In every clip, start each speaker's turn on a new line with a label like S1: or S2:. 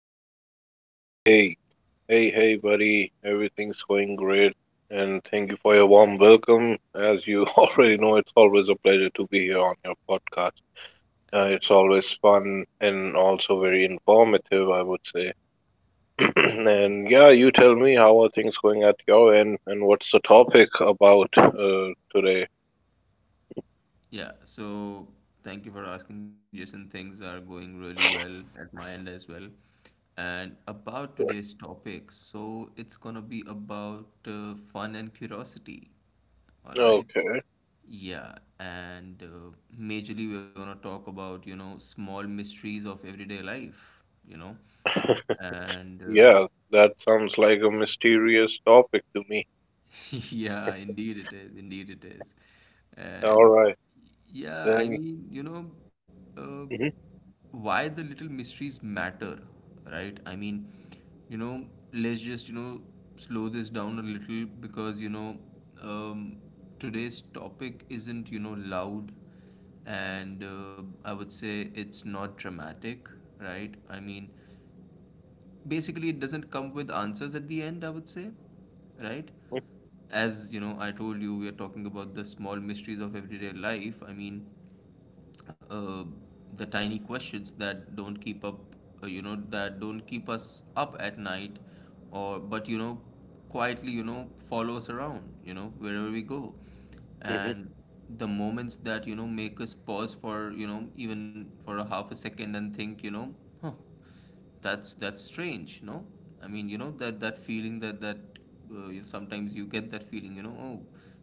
S1: man? What's up with you?
S2: Hey, hey, hey, buddy. Everything's going great, and thank you for your warm welcome. As you already know, it's always a pleasure to be here on your podcast.
S1: Uh,
S2: It's always fun and also very informative, I would say. And yeah, you tell me, how are things going at your end, and what's the topic about today?
S1: yeah, so thank you for asking, Jason. Things are going really well at my end as well. And about today's topic, so it's gonna be about fun and curiosity. All right.
S2: Okay.
S1: Yeah, and majorly we're gonna talk about, you know, small mysteries of everyday life, you know. And
S2: Yeah, that sounds like a mysterious topic to me.
S1: Yeah, indeed it is. Indeed it is.
S2: All
S1: And
S2: right,
S1: yeah, I
S2: then.
S1: mean, you know, uh,
S2: Hmm.
S1: why the little mysteries matter, right? I mean, you know, let's just, you know, slow this down a little because, you know, um, today's topic isn't, you know, loud and I would say it's not dramatic, right? I mean, basically it doesn't come with answers at the end, I would say, right? As you know, I told you we are talking about the small mysteries of everyday life. I mean, uh, the tiny questions that don't keep up, you know, that don't keep us up at night, or but, you know, quietly, you know, follow us around, you know, wherever we go.
S2: Hmm.
S1: And the moments that, you know, make us pause for, you know, even for a half a second and think, you know, huh, that's strange, no? I mean, you know, that that feeling, that that you, sometimes you get that feeling, you know, oh,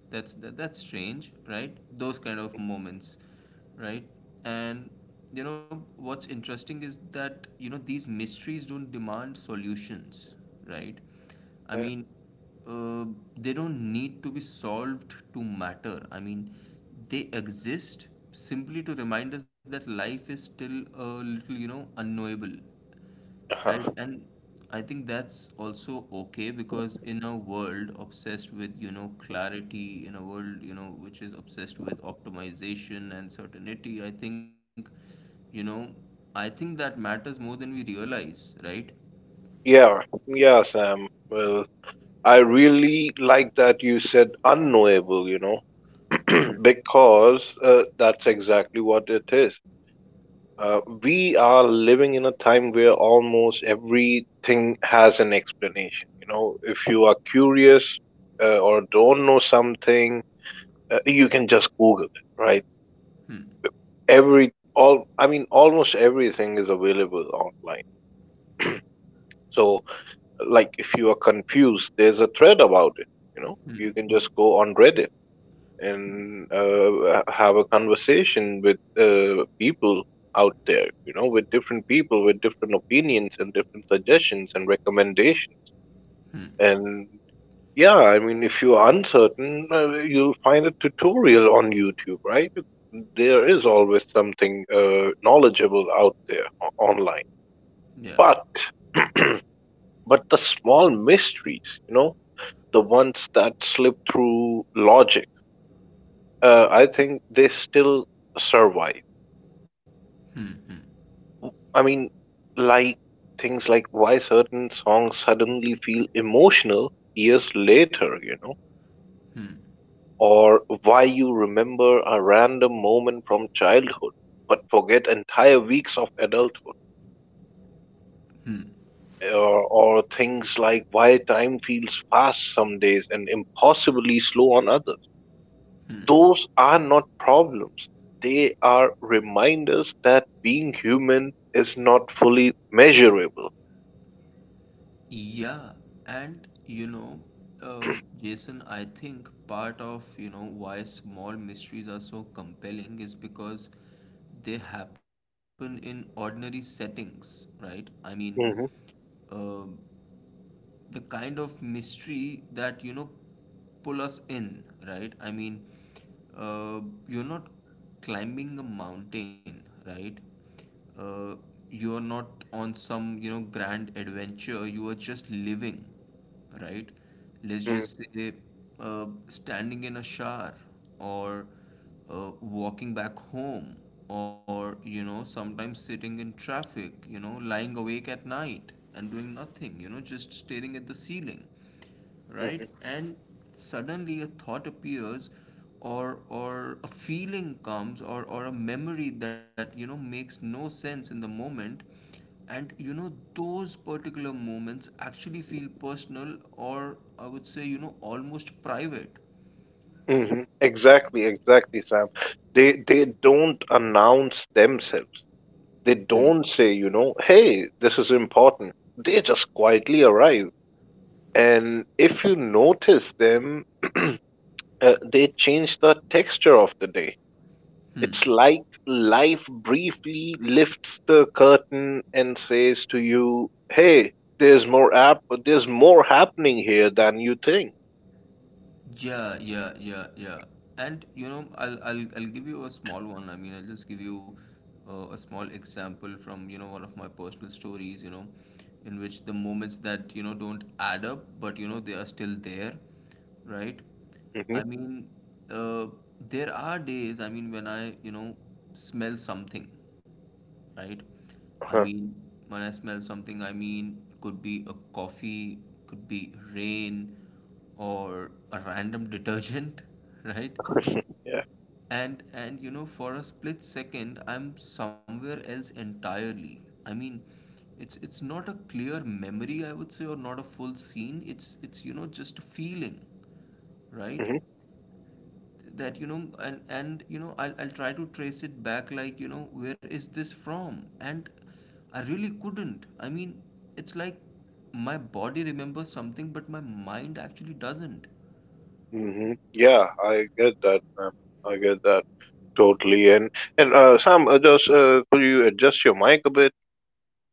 S1: that's that's strange, right? Those kind of moments, right. And you know what's interesting is that, you know, these mysteries don't demand solutions, right? I
S2: Yeah.
S1: mean, uh, they don't need to be solved to matter. I mean, they exist simply to remind us that life is still a little, you know, unknowable, right? And I think that's also okay because in a world obsessed with, you know, clarity, in a world, you know, which is obsessed with optimization and certainty, I think, you know, I think that matters more than we realize, right?
S2: Yeah, yeah, Sam. Well, I really like that you said unknowable,
S1: Hmm.
S2: because that's exactly what it is. We are living in a time where almost everything has an explanation. If you are curious or don't know something, you can just Google it, right?
S1: Hmm.
S2: I mean, almost everything is available online. So, like, if you are confused, there's a thread about it.
S1: Hmm.
S2: You can
S1: Hmm.
S2: just go on Reddit and have a conversation with people out there, with different people, with different opinions and different suggestions and recommendations.
S1: Hmm.
S2: And yeah, I mean, if you're uncertain, you'll find a tutorial on YouTube, right? There is always something knowledgeable out there, online.
S1: Yeah.
S2: But but the small mysteries, the ones that slip through logic, I think they still survive.
S1: Hmm. Hmm.
S2: I mean, like things like why certain songs suddenly feel emotional years later,
S1: Hmm.
S2: or why you remember a random moment from childhood but forget entire weeks of adulthood.
S1: Hmm.
S2: Or things like why time feels fast some days and impossibly slow on others.
S1: Hmm.
S2: Those are not problems. They are reminders that being human is not fully measurable.
S1: Yeah. And you know, Jason, I think part of, you know, why small mysteries are so compelling is because they happen in ordinary settings, right? I mean,
S2: Hmm.
S1: uh, the kind of mystery that, you know, pull us in, right? I mean, uh, you're not climbing a mountain, right? uh, you're not on some, you know, grand adventure, you are just living, right? Let's
S2: Mm-hmm.
S1: just say standing in a shower, or walking back home, or, you know, sometimes sitting in traffic, you know, lying awake at night and doing nothing, you know, just staring at the ceiling, right. And suddenly a thought appears, or a feeling comes, or a memory that, you know, makes no sense in the moment. And you know, those particular moments actually feel personal, or I would say, you know, almost private.
S2: Hmm. Exactly, exactly, Sam. They don't announce themselves. They
S1: Hmm.
S2: don't say, hey, this is important. They just quietly arrive. And if you notice them, they change the texture of the day.
S1: Hmm.
S2: It's like life briefly lifts the curtain and says to you, "Hey, there's more app. There's more happening here than you think."
S1: Yeah, yeah, yeah, yeah. And you know, I'll give you a small one. I mean, I'll just give you a small example from, you know, one of my personal stories, you know, in which the moments that, you know, don't add up, but you know, they are still there, right?
S2: Hmm.
S1: I mean, uh, there are days, I mean, when I, you know, smell something, right? I
S2: Uh-huh.
S1: mean, when I smell something, I mean, could be a coffee, could be rain, or a random detergent, right?
S2: Yeah.
S1: And you know, for a split second, I'm somewhere else entirely. I mean, it's not a clear memory, I would say, or not a full scene. It's you know, just a feeling, right?
S2: Hmm.
S1: That, you know, and you know, I'll try to trace it back, like, you know, where is this from? And I really couldn't. I mean, it's like my body remembers something, but my mind actually doesn't.
S2: Hmm. Yeah, I get that, man. I get that totally. And, Sam, just could you adjust your mic a bit?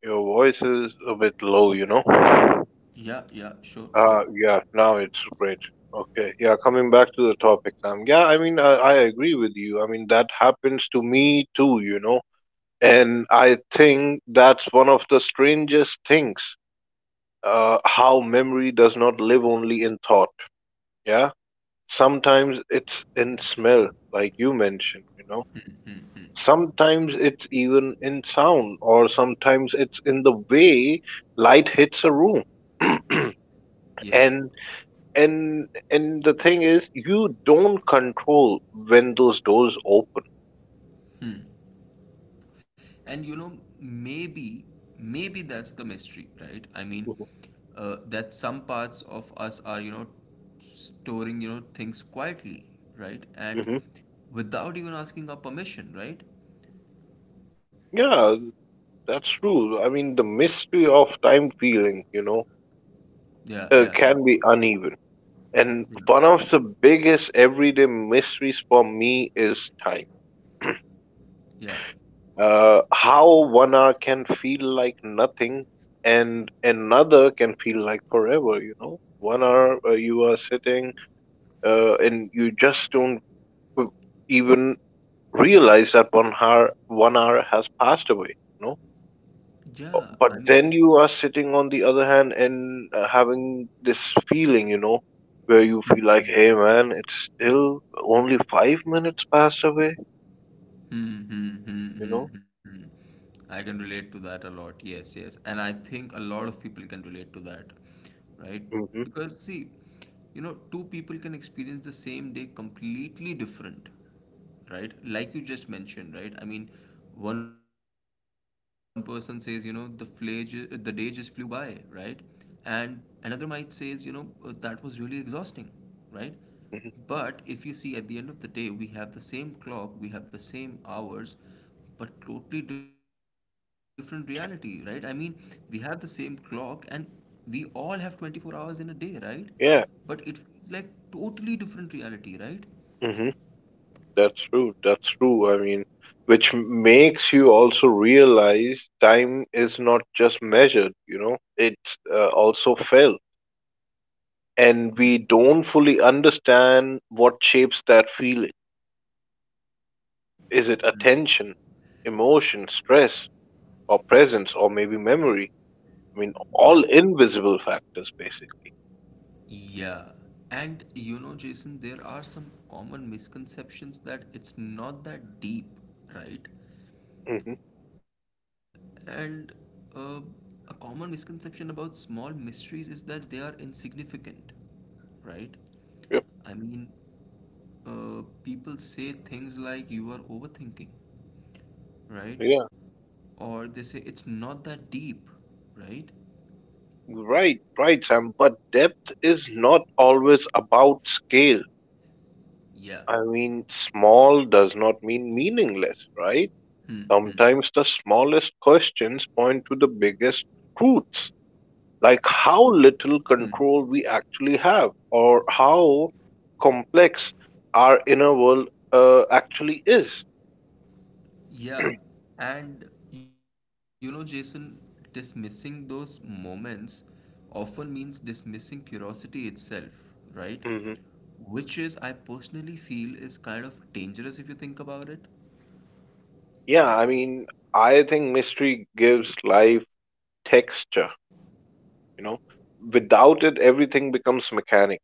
S2: Your voice is a bit low.
S1: Yeah, yeah, sure, sure.
S2: Yeah, now it's great. Okay, yeah,
S1: Cool.
S2: coming back to the topic, Sam. Yeah, I mean, I agree with you. I mean, that happens to me too. And I think that's one of the strangest things, how memory does not live only in thought. Yeah, sometimes it's in smell, like you mentioned. Sometimes it's even in sound, or sometimes it's in the way light hits a room.
S1: Yeah.
S2: and and the thing is, you don't control when those doors open.
S1: Hmm. And you know, maybe, maybe that's the mystery, right? I mean,
S2: Hmm.
S1: that some parts of us are, you know, storing, you know, things quietly, right? And
S2: Hmm.
S1: without even asking our permission, right?
S2: Yeah. That's true. I mean, the mystery of time feeling,
S1: Yeah, yeah, yeah,
S2: can be uneven.
S1: yeah,
S2: And one of the biggest everyday mysteries for me is time.
S1: yeah.
S2: How 1 hour can feel like nothing, and another can feel like forever. 1 hour, you are sitting, and you just don't e-, even realize that one hour has passed away.
S1: Yeah, I
S2: But
S1: mean,
S2: then you are sitting on the other hand and having this feeling, where you
S1: hmm,
S2: feel like,
S1: hmm.
S2: hey, man, it's still only 5 minutes passed away
S1: Hmm, hmm, hmm,
S2: you
S1: hmm,
S2: know
S1: hmm. I can relate to that a lot. Yes, yes. And I think a lot of people can relate to that, right?
S2: hmm.
S1: Because, see, you know, two people can experience the same day completely different, right? Like you just mentioned, right? I mean, one person says, you know, the day just flew by, right? And another might says, you know, that was really exhausting, right?
S2: Hmm.
S1: But if you see at the end of the day, we have the same clock, we have the same hours, but totally different reality, right? I mean, we have the same clock and we all have 24 hours in a day, right? But it
S2: Yeah.
S1: feels like totally different reality, right?
S2: Hmm. That's true, that's true. I mean, which makes you also realize time is not just measured. It's also felt, and we don't fully understand what shapes that feeling. Is it attention, emotion, stress, or presence, or maybe memory? I mean,
S1: Yeah,
S2: all invisible factors, basically.
S1: yeah. And you know, Jason, there are some common misconceptions that it's not that deep, right?
S2: Hmm.
S1: And uh, a common misconception about small mysteries is that they are insignificant, right?
S2: Yep.
S1: I mean, people say things like you are overthinking, right?
S2: Yeah.
S1: Or they say it's not that deep, right?
S2: Right, right, Sam. But depth is not always about scale.
S1: Yeah.
S2: I mean, small does not mean meaningless, right?
S1: Hmm, hmm,
S2: Sometimes the smallest questions point to the biggest truths. Like
S1: hmm.
S2: how little control we actually have, or how complex our inner world actually is.
S1: Yeah. And you know, Jason, dismissing those moments often means dismissing curiosity itself, right?
S2: Hmm.
S1: Which is, I personally feel, is kind of dangerous if you think about it.
S2: Yeah, I mean, I think mystery gives life texture, you know. Without it, everything becomes mechanic.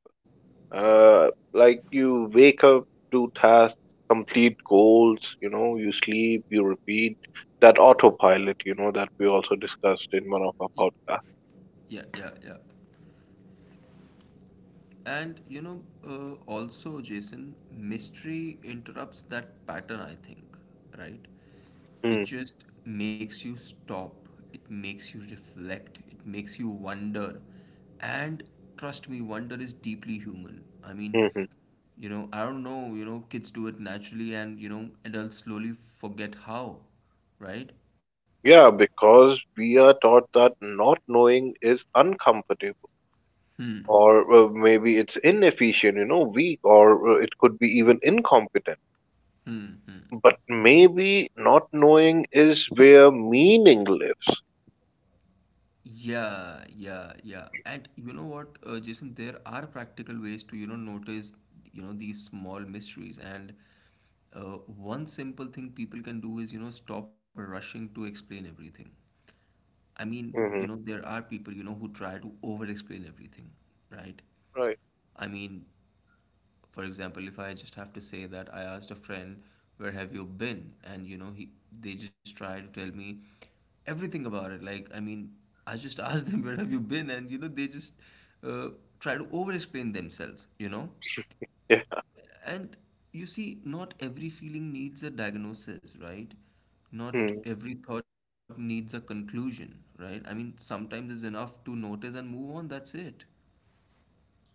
S2: Uh, like you wake up, do tasks, complete goals, you sleep, you repeat. That autopilot, that we also discussed in one of our
S1: Y-
S2: podcasts.
S1: Yeah, yeah, yeah. And you know, also, Jason, mystery interrupts that pattern, I think, right? It just makes you stop, it makes you reflect, it makes you wonder. And trust me, wonder is deeply human. I mean,
S2: Mm-hmm.
S1: you know, I don't know, you know, kids do it naturally, and you know, adults slowly forget how, right?
S2: Yeah, because we are taught that not knowing is uncomfortable, or maybe it's inefficient, weak, or it could be even incompetent. But maybe not knowing is where meaning lives.
S1: Yeah, yeah, yeah. And you know what, Jason, there are practical ways to, you know, notice, you know, these small mysteries. And one simple thing people can do is, you know, stop rushing to explain everything. I mean, you know,
S2: Hmm.
S1: there are people, you know, who try to over explain everything, right?
S2: Right.
S1: I mean, for example, if I just have to say that I asked a friend, "Where have you been?" and you know, he they just try to tell me everything about it. Like, I mean, I just asked them, "Where have you been?" and you know, they just uh, try to over explain themselves, you know?
S2: Yeah.
S1: And you see, not every feeling needs a diagnosis, right? Not
S2: Hmm.
S1: every thought needs a conclusion, right? I mean, sometimes it's enough to notice and move on, that's it.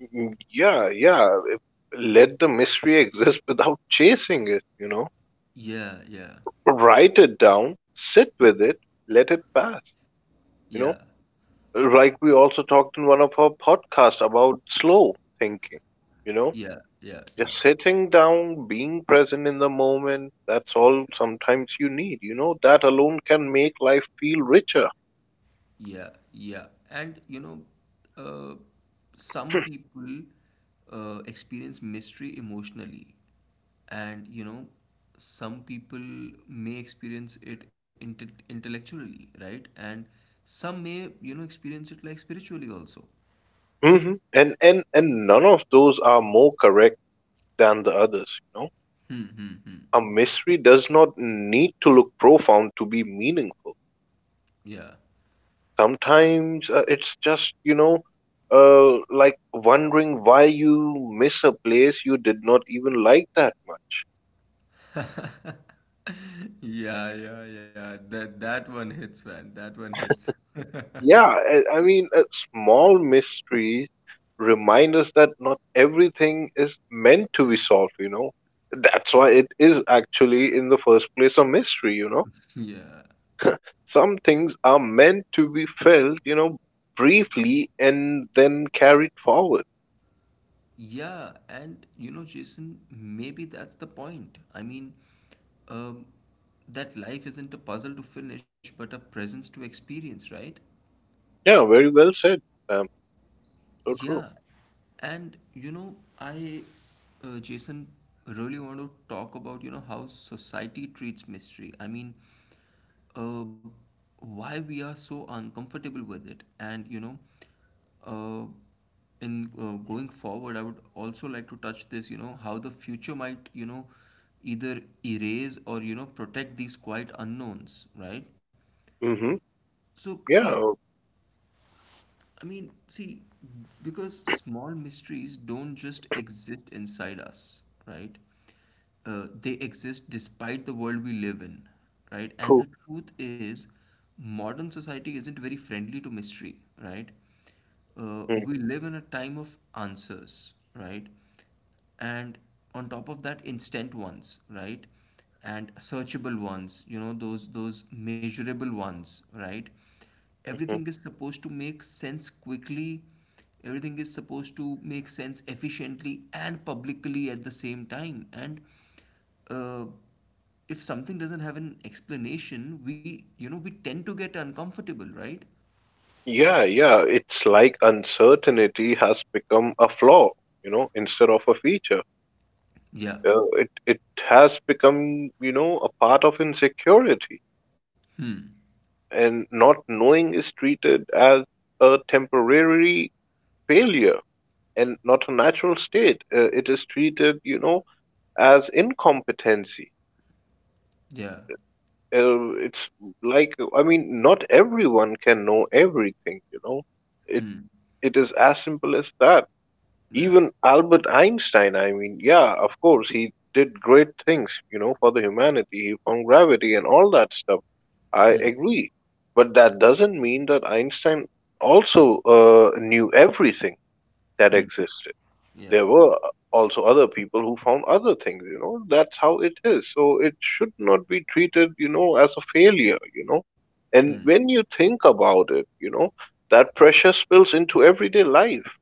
S2: Mm. Yeah, yeah. Let the mystery exist without chasing it.
S1: Yeah, yeah,
S2: Write it down, sit with it, let it pass, you
S1: yeah,
S2: know. Like we also talked in one of our podcasts about slow thinking, you know.
S1: yeah, yeah, yeah.
S2: Just sitting down, being present in the moment, that's all sometimes you need. That alone can make life feel richer.
S1: Yeah, yeah. And you know, uh, some people experience mystery emotionally, and you know, some people may experience it intellectually, right? And some may, you know, experience it like spiritually also.
S2: Hmm. And none of those are more correct than the others.
S1: Hmm, hmm, hmm.
S2: A mystery does not need to look profound to be meaningful.
S1: Yeah.
S2: Sometimes it's just, like wondering why you miss a place you did not even like that much.
S1: Yeah, yeah, yeah. That one hits, man. That one hits.
S2: Yeah, I mean, small mysteries remind us that not everything is meant to be solved. That's why it is, actually, in the first place, a mystery.
S1: Yeah.
S2: Some things are meant to be felt, briefly and then carried forward.
S1: Yeah, and you know, Jason, maybe that's the point. I mean, um, that life isn't a puzzle to finish, but a presence to experience, right?
S2: Yeah, very well said, Sam. So true.
S1: Yeah, and you know, Jason, really want to talk about, you know, how society treats mystery. I mean, uh, why we are so uncomfortable with it. And, you know, uh, in going forward, I would also like to touch this, you know, how the future might, you know, either erase or, you know, protect these quiet unknowns, right?
S2: Hmm.
S1: So,
S2: Yeah,
S1: see, I mean, see, because small mysteries don't just exist inside us, right? They exist despite the world we live in, right? And
S2: true.
S1: the truth is, modern society isn't very friendly to mystery, right?
S2: Hmm.
S1: We live in a time of answers, right? And on top of that, instant ones, right? And searchable ones, you know, those measurable ones, right? Everything is supposed to make sense quickly, everything is supposed to make sense efficiently and publicly at the same time. And uh, if something doesn't have an explanation, we, you know, we tend to get uncomfortable, right?
S2: Yeah, yeah. It's like uncertainty has become a flaw, instead of a feature.
S1: Yeah,
S2: It has become, a part of insecurity, and not knowing is treated as a temporary failure, and not a natural state. It is treated, as incompetency.
S1: yeah.
S2: It's like, I mean, not everyone can know everything. It
S1: Hmm.
S2: it is as simple as that.
S1: Yeah.
S2: Even Albert Einstein. I mean, yeah, of course, he did great things. For the humanity, he found gravity and all that stuff. I
S1: Hmm.
S2: agree, but that doesn't mean that Einstein also knew everything that
S1: Hmm.
S2: existed.
S1: Yeah.
S2: There were also other people who found other things. That's how it is. So it should not be treated, as a failure.
S1: Hmm.
S2: And when you think about it, that pressure spills into everyday life.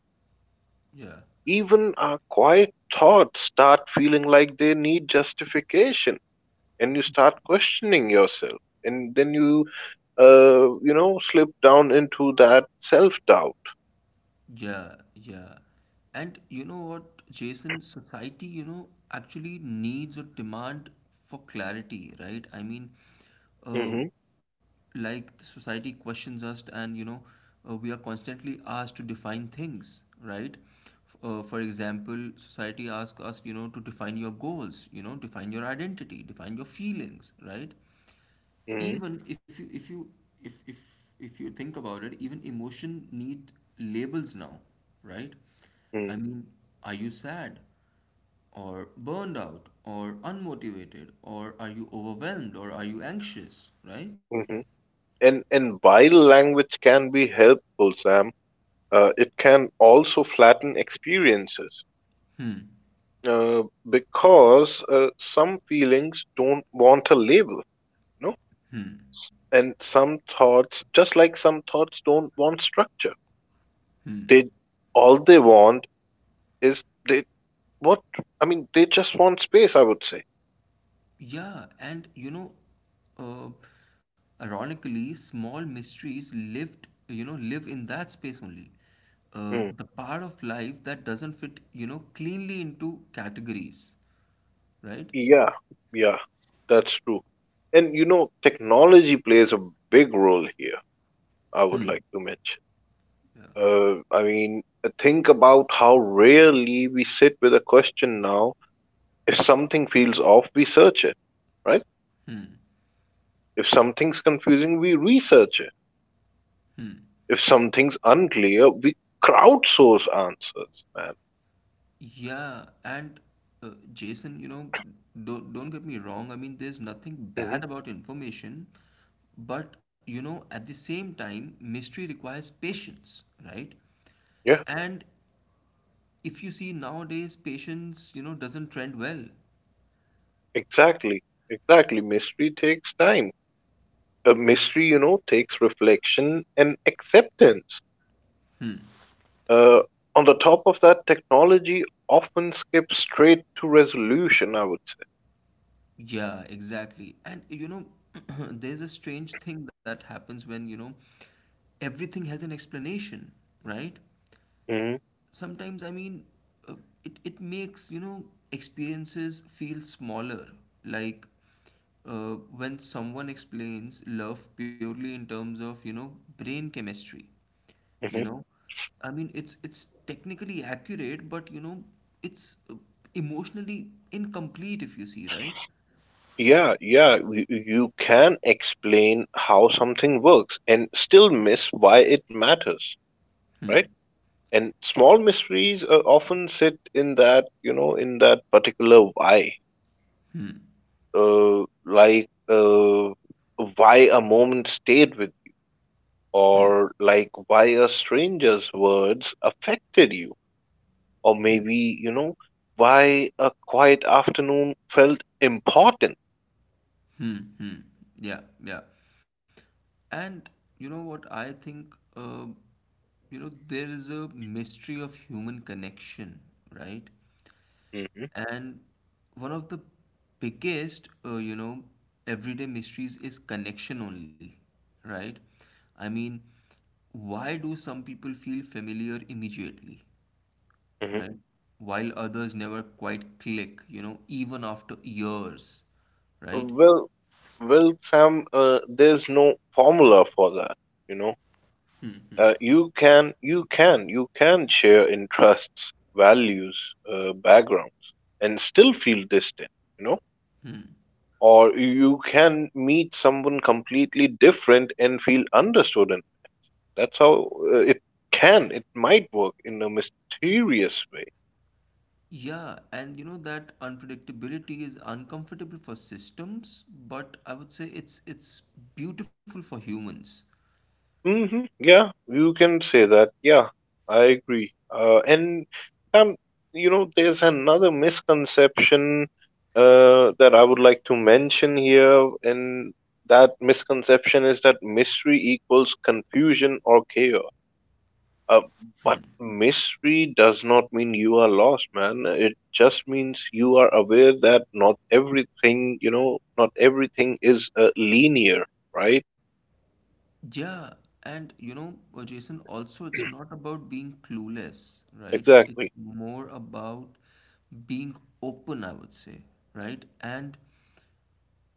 S1: Yeah.
S2: Even our quiet thoughts start feeling like they need justification, and you start questioning yourself, and then you slip down into that self doubt.
S1: Yeah, yeah. And you know what, Jason, society, you know, actually needs or demand for clarity, right? I mean, uh,
S2: Mm-hmm,
S1: like the society questions us, and you know, we are constantly asked to define things, right? For example, society asks us, you know, to define your goals, you know, define your identity, define your feelings, right?
S2: mm-hmm,
S1: Even if if you think about it, even emotion need labels now, right? I mean, are you sad, or burned out, or unmotivated, or are you overwhelmed, or are you anxious, right?
S2: mm-hmm. And while language can be helpful, Sam, it can also flatten experiences uh, because some feelings don't want a label, you know, and some thoughts, just like some thoughts, don't want structure. They, all they want is, they, what I mean. They just want space, I would say.
S1: Yeah. And you know, uh, ironically, small mysteries lived you know, live in that space only,
S2: Hmm.
S1: the part of life that doesn't fit, you know, cleanly into categories, right?
S2: Yeah, yeah, that's true. And technology plays a big role here, I would like to mention. I mean, think about how rarely we sit with a question now. If something feels off, we search it, right? If something's confusing, we research it. If something's unclear, we crowdsource answers, man.
S1: Yeah, and Jason, you know, don't get me wrong. I mean, there's nothing
S2: Hmm.
S1: bad about information, but you know, at the same time, mystery requires patience, right?
S2: Yeah,
S1: And if you see nowadays, patience, you know, doesn't trend well.
S2: exactly. Exactly. Mystery takes time. A mystery, takes reflection and acceptance. Uh, on the top of that, technology often skips straight to resolution, I would
S1: Yeah, exactly. And you know, there's a strange thing that happens when, you know, everything has an explanation, right?
S2: say.
S1: Sometimes uh, it, it makes you know experiences feel smaller, like, uh, when someone explains love purely in terms of, you know, brain chemistry. You
S2: Hmm.
S1: know, I mean it's technically accurate, but you know it's, emotionally incomplete if you see, right?
S2: Yeah, yeah, you can explain how something works and still miss why it matters, right? And small mysteries often sit in that particular why. Like why a moment stayed with,
S1: Hmm.
S2: or like why a stranger's words affected you, or maybe, why a quiet afternoon felt important.
S1: Hmm. Hmm. Yeah. Yeah. And you know what I think? You know, there is a mystery of human connection, right?
S2: Hmm.
S1: And one of the biggest, you know, everyday mysteries is connection only, right? I mean, why do some people feel familiar immediately, right? While others never quite click, you know, even after years, right?
S2: Well, well, Sam, there's no formula for that. You know, you can share interests, values, backgrounds, and still feel distant. You know, or you can meet someone completely different and feel understood. And that's how it might work in a mysterious way.
S1: Yeah, and you know that unpredictability is uncomfortable for systems, but I would say it's beautiful for humans.
S2: Hmm. Yeah, you can say that. Yeah, I agree. And some, there's another misconception that I would like to mention here, and that misconception is that mystery equals confusion or chaos. Uh, but mystery does not mean you are lost, man. It just means you are aware that not everything is linear, right?
S1: Yeah, and you know, Jason, also it's not about being clueless, right? It's
S2: Exactly.
S1: more about being open, I would say, right? And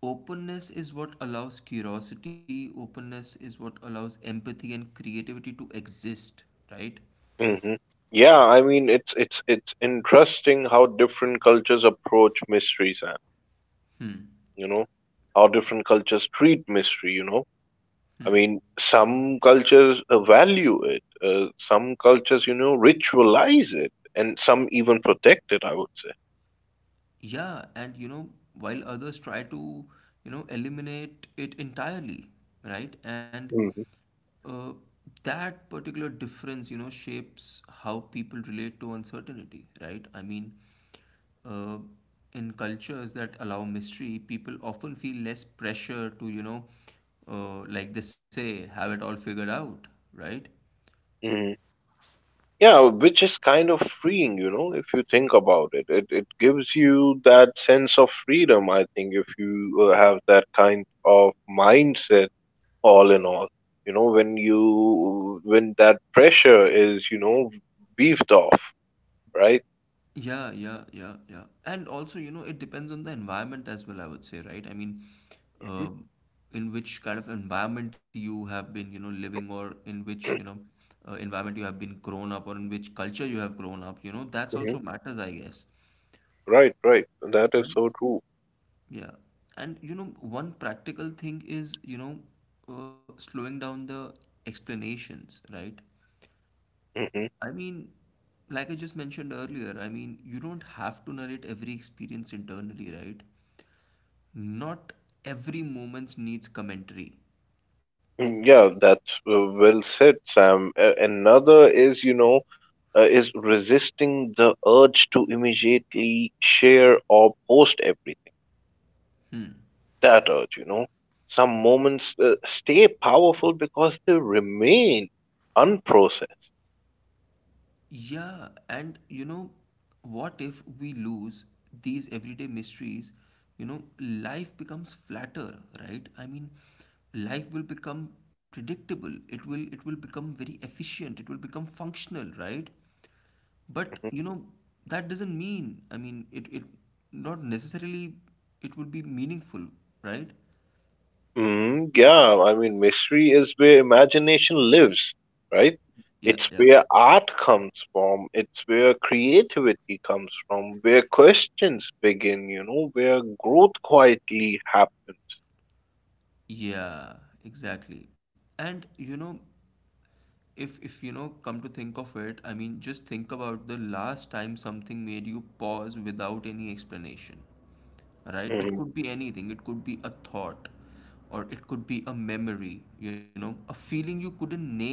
S1: openness is what allows curiosity, openness is what allows empathy and creativity to exist, right?
S2: Hmm. Yeah, I mean, it's interesting how different cultures approach mysteries, and
S1: Hmm.
S2: you know how different cultures treat mystery. I mean, some cultures value it, some cultures ritualize it, and some even protect it, I would say.
S1: Yeah, and you know, while others try to, you know, eliminate it entirely, right? And
S2: Hmm.
S1: uh, that particular difference, you know, shapes how people relate to uncertainty, right? I mean, uh, in cultures that allow mystery, people often feel less pressure to, you know, like they say, have it all figured out, right?
S2: Hmm. Yeah, which is kind of freeing, if you think about it. It gives you that sense of freedom, I think, if you have that kind of mindset all in all. You know, when you when that pressure is, weaved off, right?
S1: Yeah, yeah, yeah, yeah. And also, you know, it depends on the environment as well, I would say, right? I mean,
S2: hmm
S1: um in which kind of environment you have been, you know, living, or in which, you know, environment you have been grown up, or in which culture you have grown up, you know, that's also
S2: hmm
S1: matters, I guess.
S2: Right, right. That
S1: Right?
S2: is so true.
S1: Yeah. And, you know, one practical thing is, you know, slowing down the explanations, right?
S2: Hmm.
S1: I mean, like I just mentioned earlier, I mean, you don't have to narrate every experience internally, right? Not every moment needs commentary.
S2: Yeah, that's well said, Sam. A another is, you know, is resisting the urge to immediately share or post everything. That urge, you know. Some moments stay powerful because they remain unprocessed.
S1: Yeah, and you know, what if we lose these everyday mysteries? You know, life becomes flatter, right? I mean, life will become predictable. It will become very efficient. It will become functional, right? But you know, that doesn't mean, I mean, it not necessarily it will be meaningful, right?
S2: Mm, yeah, I mean, mystery is where imagination lives, right?
S1: Yeah,
S2: It's
S1: yeah.
S2: where art comes from, it's where creativity comes from, where questions begin, you know, where growth quietly happens.
S1: Yeah, exactly. And you know, if you know, come to think of it, I mean, just think about the last time something made you pause without any explanation, right? It could be anything, it could be a thought, or it could be a memory, you know, a feeling you couldn't name,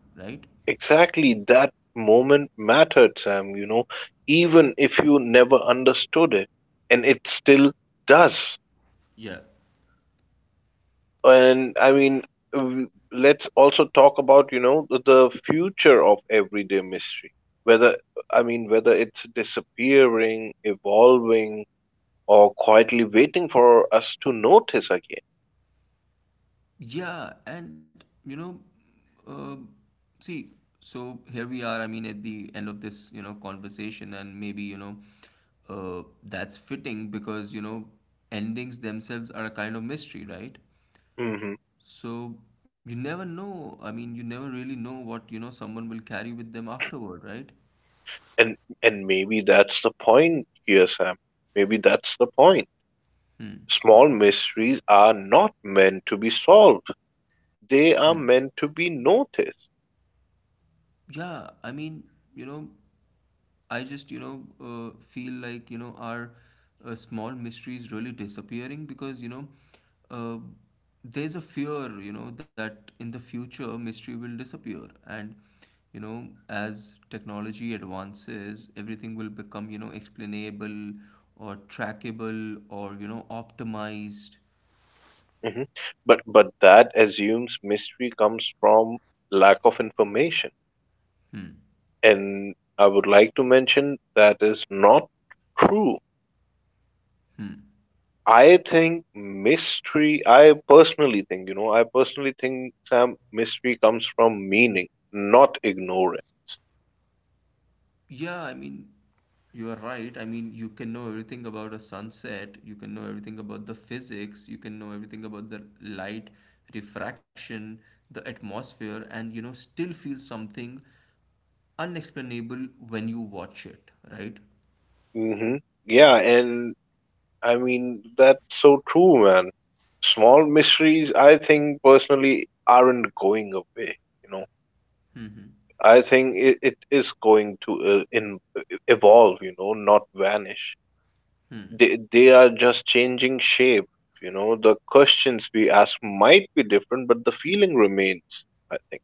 S1: right?
S2: Exactly, that moment mattered, Sam, you know, even if you never understood it. And it still does.
S1: Yeah.
S2: And I mean, let's also talk about, you know, the future of everyday mystery. Whether, I mean, whether it's disappearing, evolving, or quietly waiting for us to notice again.
S1: Yeah, and you know, uh, see, so here we are. I mean, at the end of this, you know, conversation, and maybe, you know, that's fitting because, you know, endings themselves are a kind of mystery, right?
S2: Hmm.
S1: So you never know. I mean, you never really know what, you know, someone will carry with them afterward, right?
S2: And and maybe that's the point here, Sam. Maybe that's the point.
S1: Hmm.
S2: Small mysteries are not meant to be solved. They
S1: Hmm.
S2: are meant to be noticed.
S1: Yeah, I mean, you know, I just, you know, feel like, you know, our small mystery is really disappearing because, you know, uh, there's a fear, you know, that in the future mystery will disappear. And you know, as technology advances, everything will become, you know, explainable, or trackable, or you know, optimized.
S2: Mhm. But that assumes mystery comes from lack of information.
S1: Hmm.
S2: And I would like to mention that is not true.
S1: Hmm.
S2: I personally think, you know, I personally think, Sam, mystery comes from meaning, not ignorance.
S1: Yeah, I mean, you are right. I mean, you can know everything about a sunset, you can know everything about the physics, you can know everything about the light, refraction, the atmosphere, and you know, still feel something unexplainable when you watch it, right?
S2: Hmm. Yeah, and I mean, that's so true, man. Small mysteries, I think personally, aren't going away. You know,
S1: Hmm.
S2: I think it is going to evolve. You know, not vanish. They are just changing shape. You know, the questions we ask might be different, but the feeling remains. I think.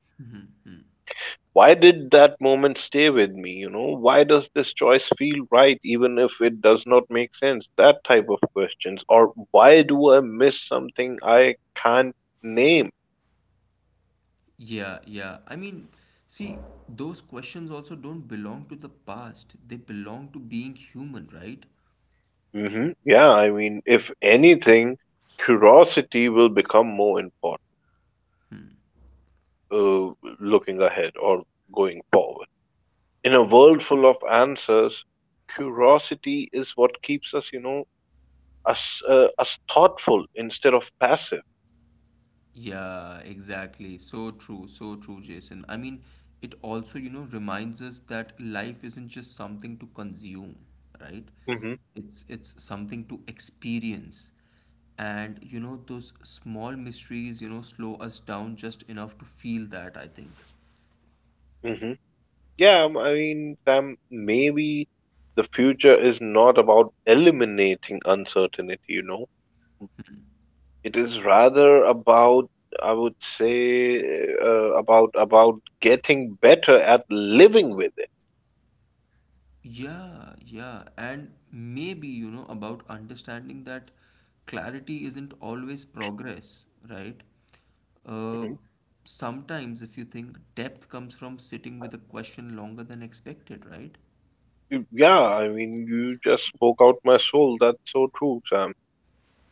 S2: Why did that moment stay with me? You know, why does this choice feel right even if it does not make sense? That type of questions. Or why do I miss something I can't name?
S1: Yeah, yeah. I mean, see, those questions also don't belong to the past, they belong to being human, right?
S2: Hmm. Yeah, I mean, if anything, curiosity will become more important uh, looking ahead or going forward. In a world full of answers, curiosity is what keeps us, you know, us, us thoughtful instead of passive.
S1: Yeah, exactly. So true, Jason. I mean, it also, you know, reminds us that life isn't just something to consume, right?
S2: hmm
S1: It's something to experience. And you know, those small mysteries, you know, slow us down just enough to feel that, I think.
S2: hmm Yeah, I mean, Sam, maybe the future is not about eliminating uncertainty, you know. It is rather about, I would say, about getting better at living with it.
S1: Yeah, yeah. And maybe, you know, about understanding that clarity isn't always progress, right? Uh,
S2: Mhm.
S1: Sometimes, if you think, depth comes from sitting with a question longer than expected, right?
S2: Yeah, I mean, you just spoke out my soul. That's so true, Sam.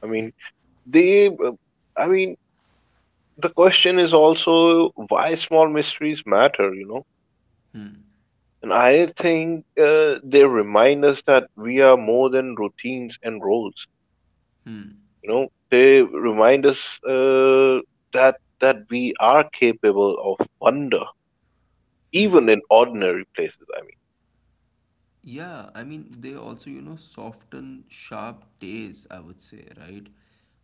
S2: I mean, they, uh, I mean, the question is also why small mysteries matter, you know.
S1: Hmm,
S2: And I think they remind us that we are more than routines and roles.
S1: hmm,
S2: You know, they remind us uh, that we are capable of wonder,
S1: hmm.
S2: even in ordinary places. I
S1: Yeah, I mean, they also, you know, soften sharp days, I would say, right?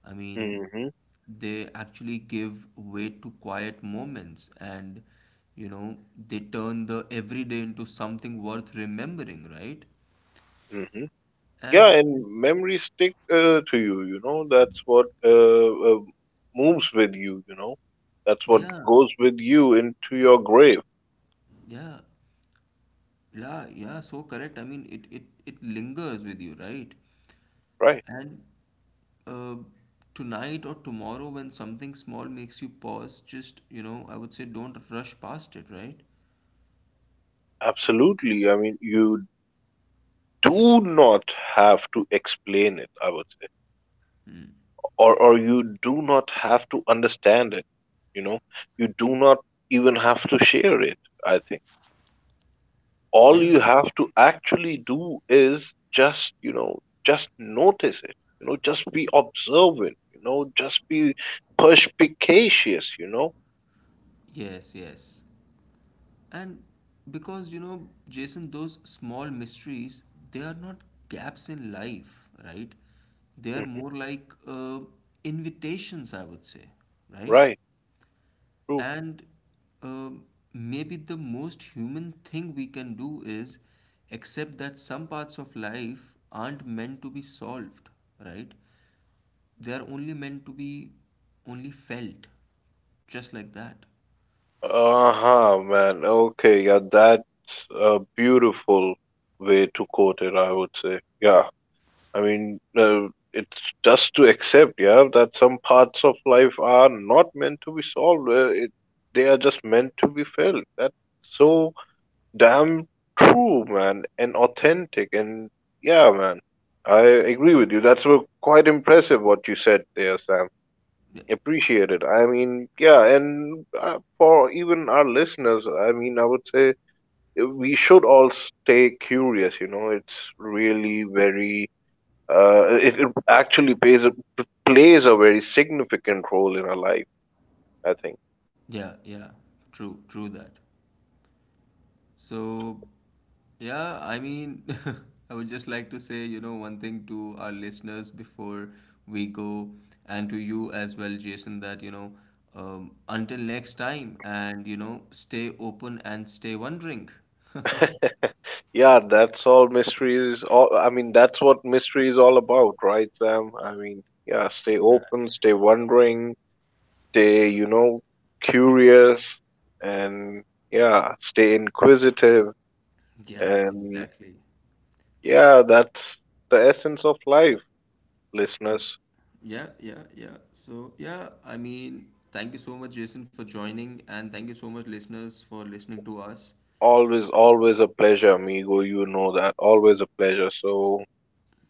S1: I mean,
S2: mean,
S1: they actually give way to quiet moments, and, you know, they turn the everyday into something worth remembering, right?
S2: hmm yeah,
S1: And
S2: and memories stick to you. You know, that's what moves with you. You know, that's what
S1: yeah,
S2: goes with you into your grave,
S1: yeah, yeah, yeah, so correct. I mean, it lingers with you, right?
S2: right?
S1: And uh, tonight or tomorrow when something small makes you pause, just, you know, I would say, don't rush past it, right?
S2: Absolutely. I mean, you do not have to explain it, I would say, or you do not have to understand it, you know, you do not even have to share it, I think.
S1: Yeah.
S2: All you have to actually do is just, you know, just notice it, you know, just be observant, you know, just be perspicacious, you know.
S1: Yes, yes. And because, you know, Jason, those small mysteries, they are not gaps in life, right? They are
S2: Hmm.
S1: more like, invitations, I would say, right?
S2: Right. True.
S1: And um, maybe the most human thing we can do is accept that some parts of life aren't meant to be solved, right? They are only meant to be only felt, just like that.
S2: Uh-huh. Man, okay, yeah, that's a beautiful way to quote it, I would say. Yeah, I mean, it's just to accept, yeah, that some parts of life are not meant to be solved. They are just meant to be felt. That's so damn true, man, and authentic. And yeah, man, I agree with you. That's quite impressive what you said there, Sam.
S1: Yeah,
S2: Appreciate it. I mean, yeah, and for even our listeners, I mean, I would say we should all stay curious. You know, it's really very it actually plays a very significant role in our life, I think.
S1: yeah, yeah. True, true that. So, yeah, I mean, I would just like to say, you know, one thing to our listeners before we go, and to you as well, Jason, that, you know, until next time, and, you know, stay open and stay wondering.
S2: Yeah, that's all mystery is. All, I mean, that's what mystery is all about, right, Sam? I mean, yeah, stay
S1: True that.
S2: open, stay wondering, stay, you know, curious, and yeah, stay inquisitive.
S1: Yeah,
S2: And
S1: exactly.
S2: yeah, that's the essence of life, listeners.
S1: Yeah, yeah, yeah. So, yeah, I mean, thank you so much, Jason, for joining, and thank you so much, listeners, for listening to us.
S2: Always, always a pleasure, amigo. You know that. Always a pleasure. So,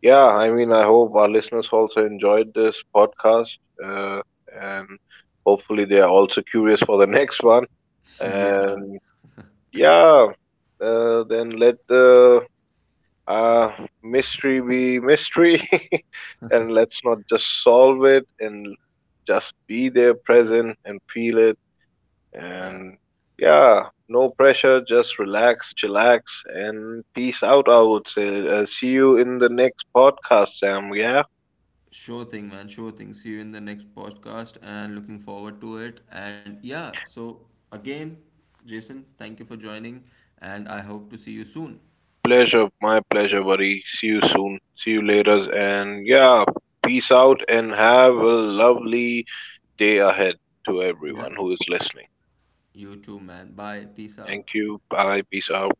S2: yeah, I mean, I hope our listeners also enjoyed this podcast, and hopefully they are also curious for the next one.
S1: Yeah.
S2: And yeah, then let the uh, mystery be mystery, and let's not just solve it and just be there present and feel it.
S1: Yeah.
S2: And yeah, no pressure, just relax, chillax, and peace out, I would say. See you in the next podcast, Sam. Yeah.
S1: Sure thing, man. Sure thing. See you in the next podcast and looking forward to it. And yeah, so again, Jason, thank you for joining and I hope to see you soon.
S2: Pleasure, my pleasure, buddy. See you soon. See you later. And yeah, peace out and have a lovely day ahead to
S1: Yeah,
S2: everyone who is listening.
S1: you too, man. Bye. Peace out.
S2: Thank you. Bye. Peace out.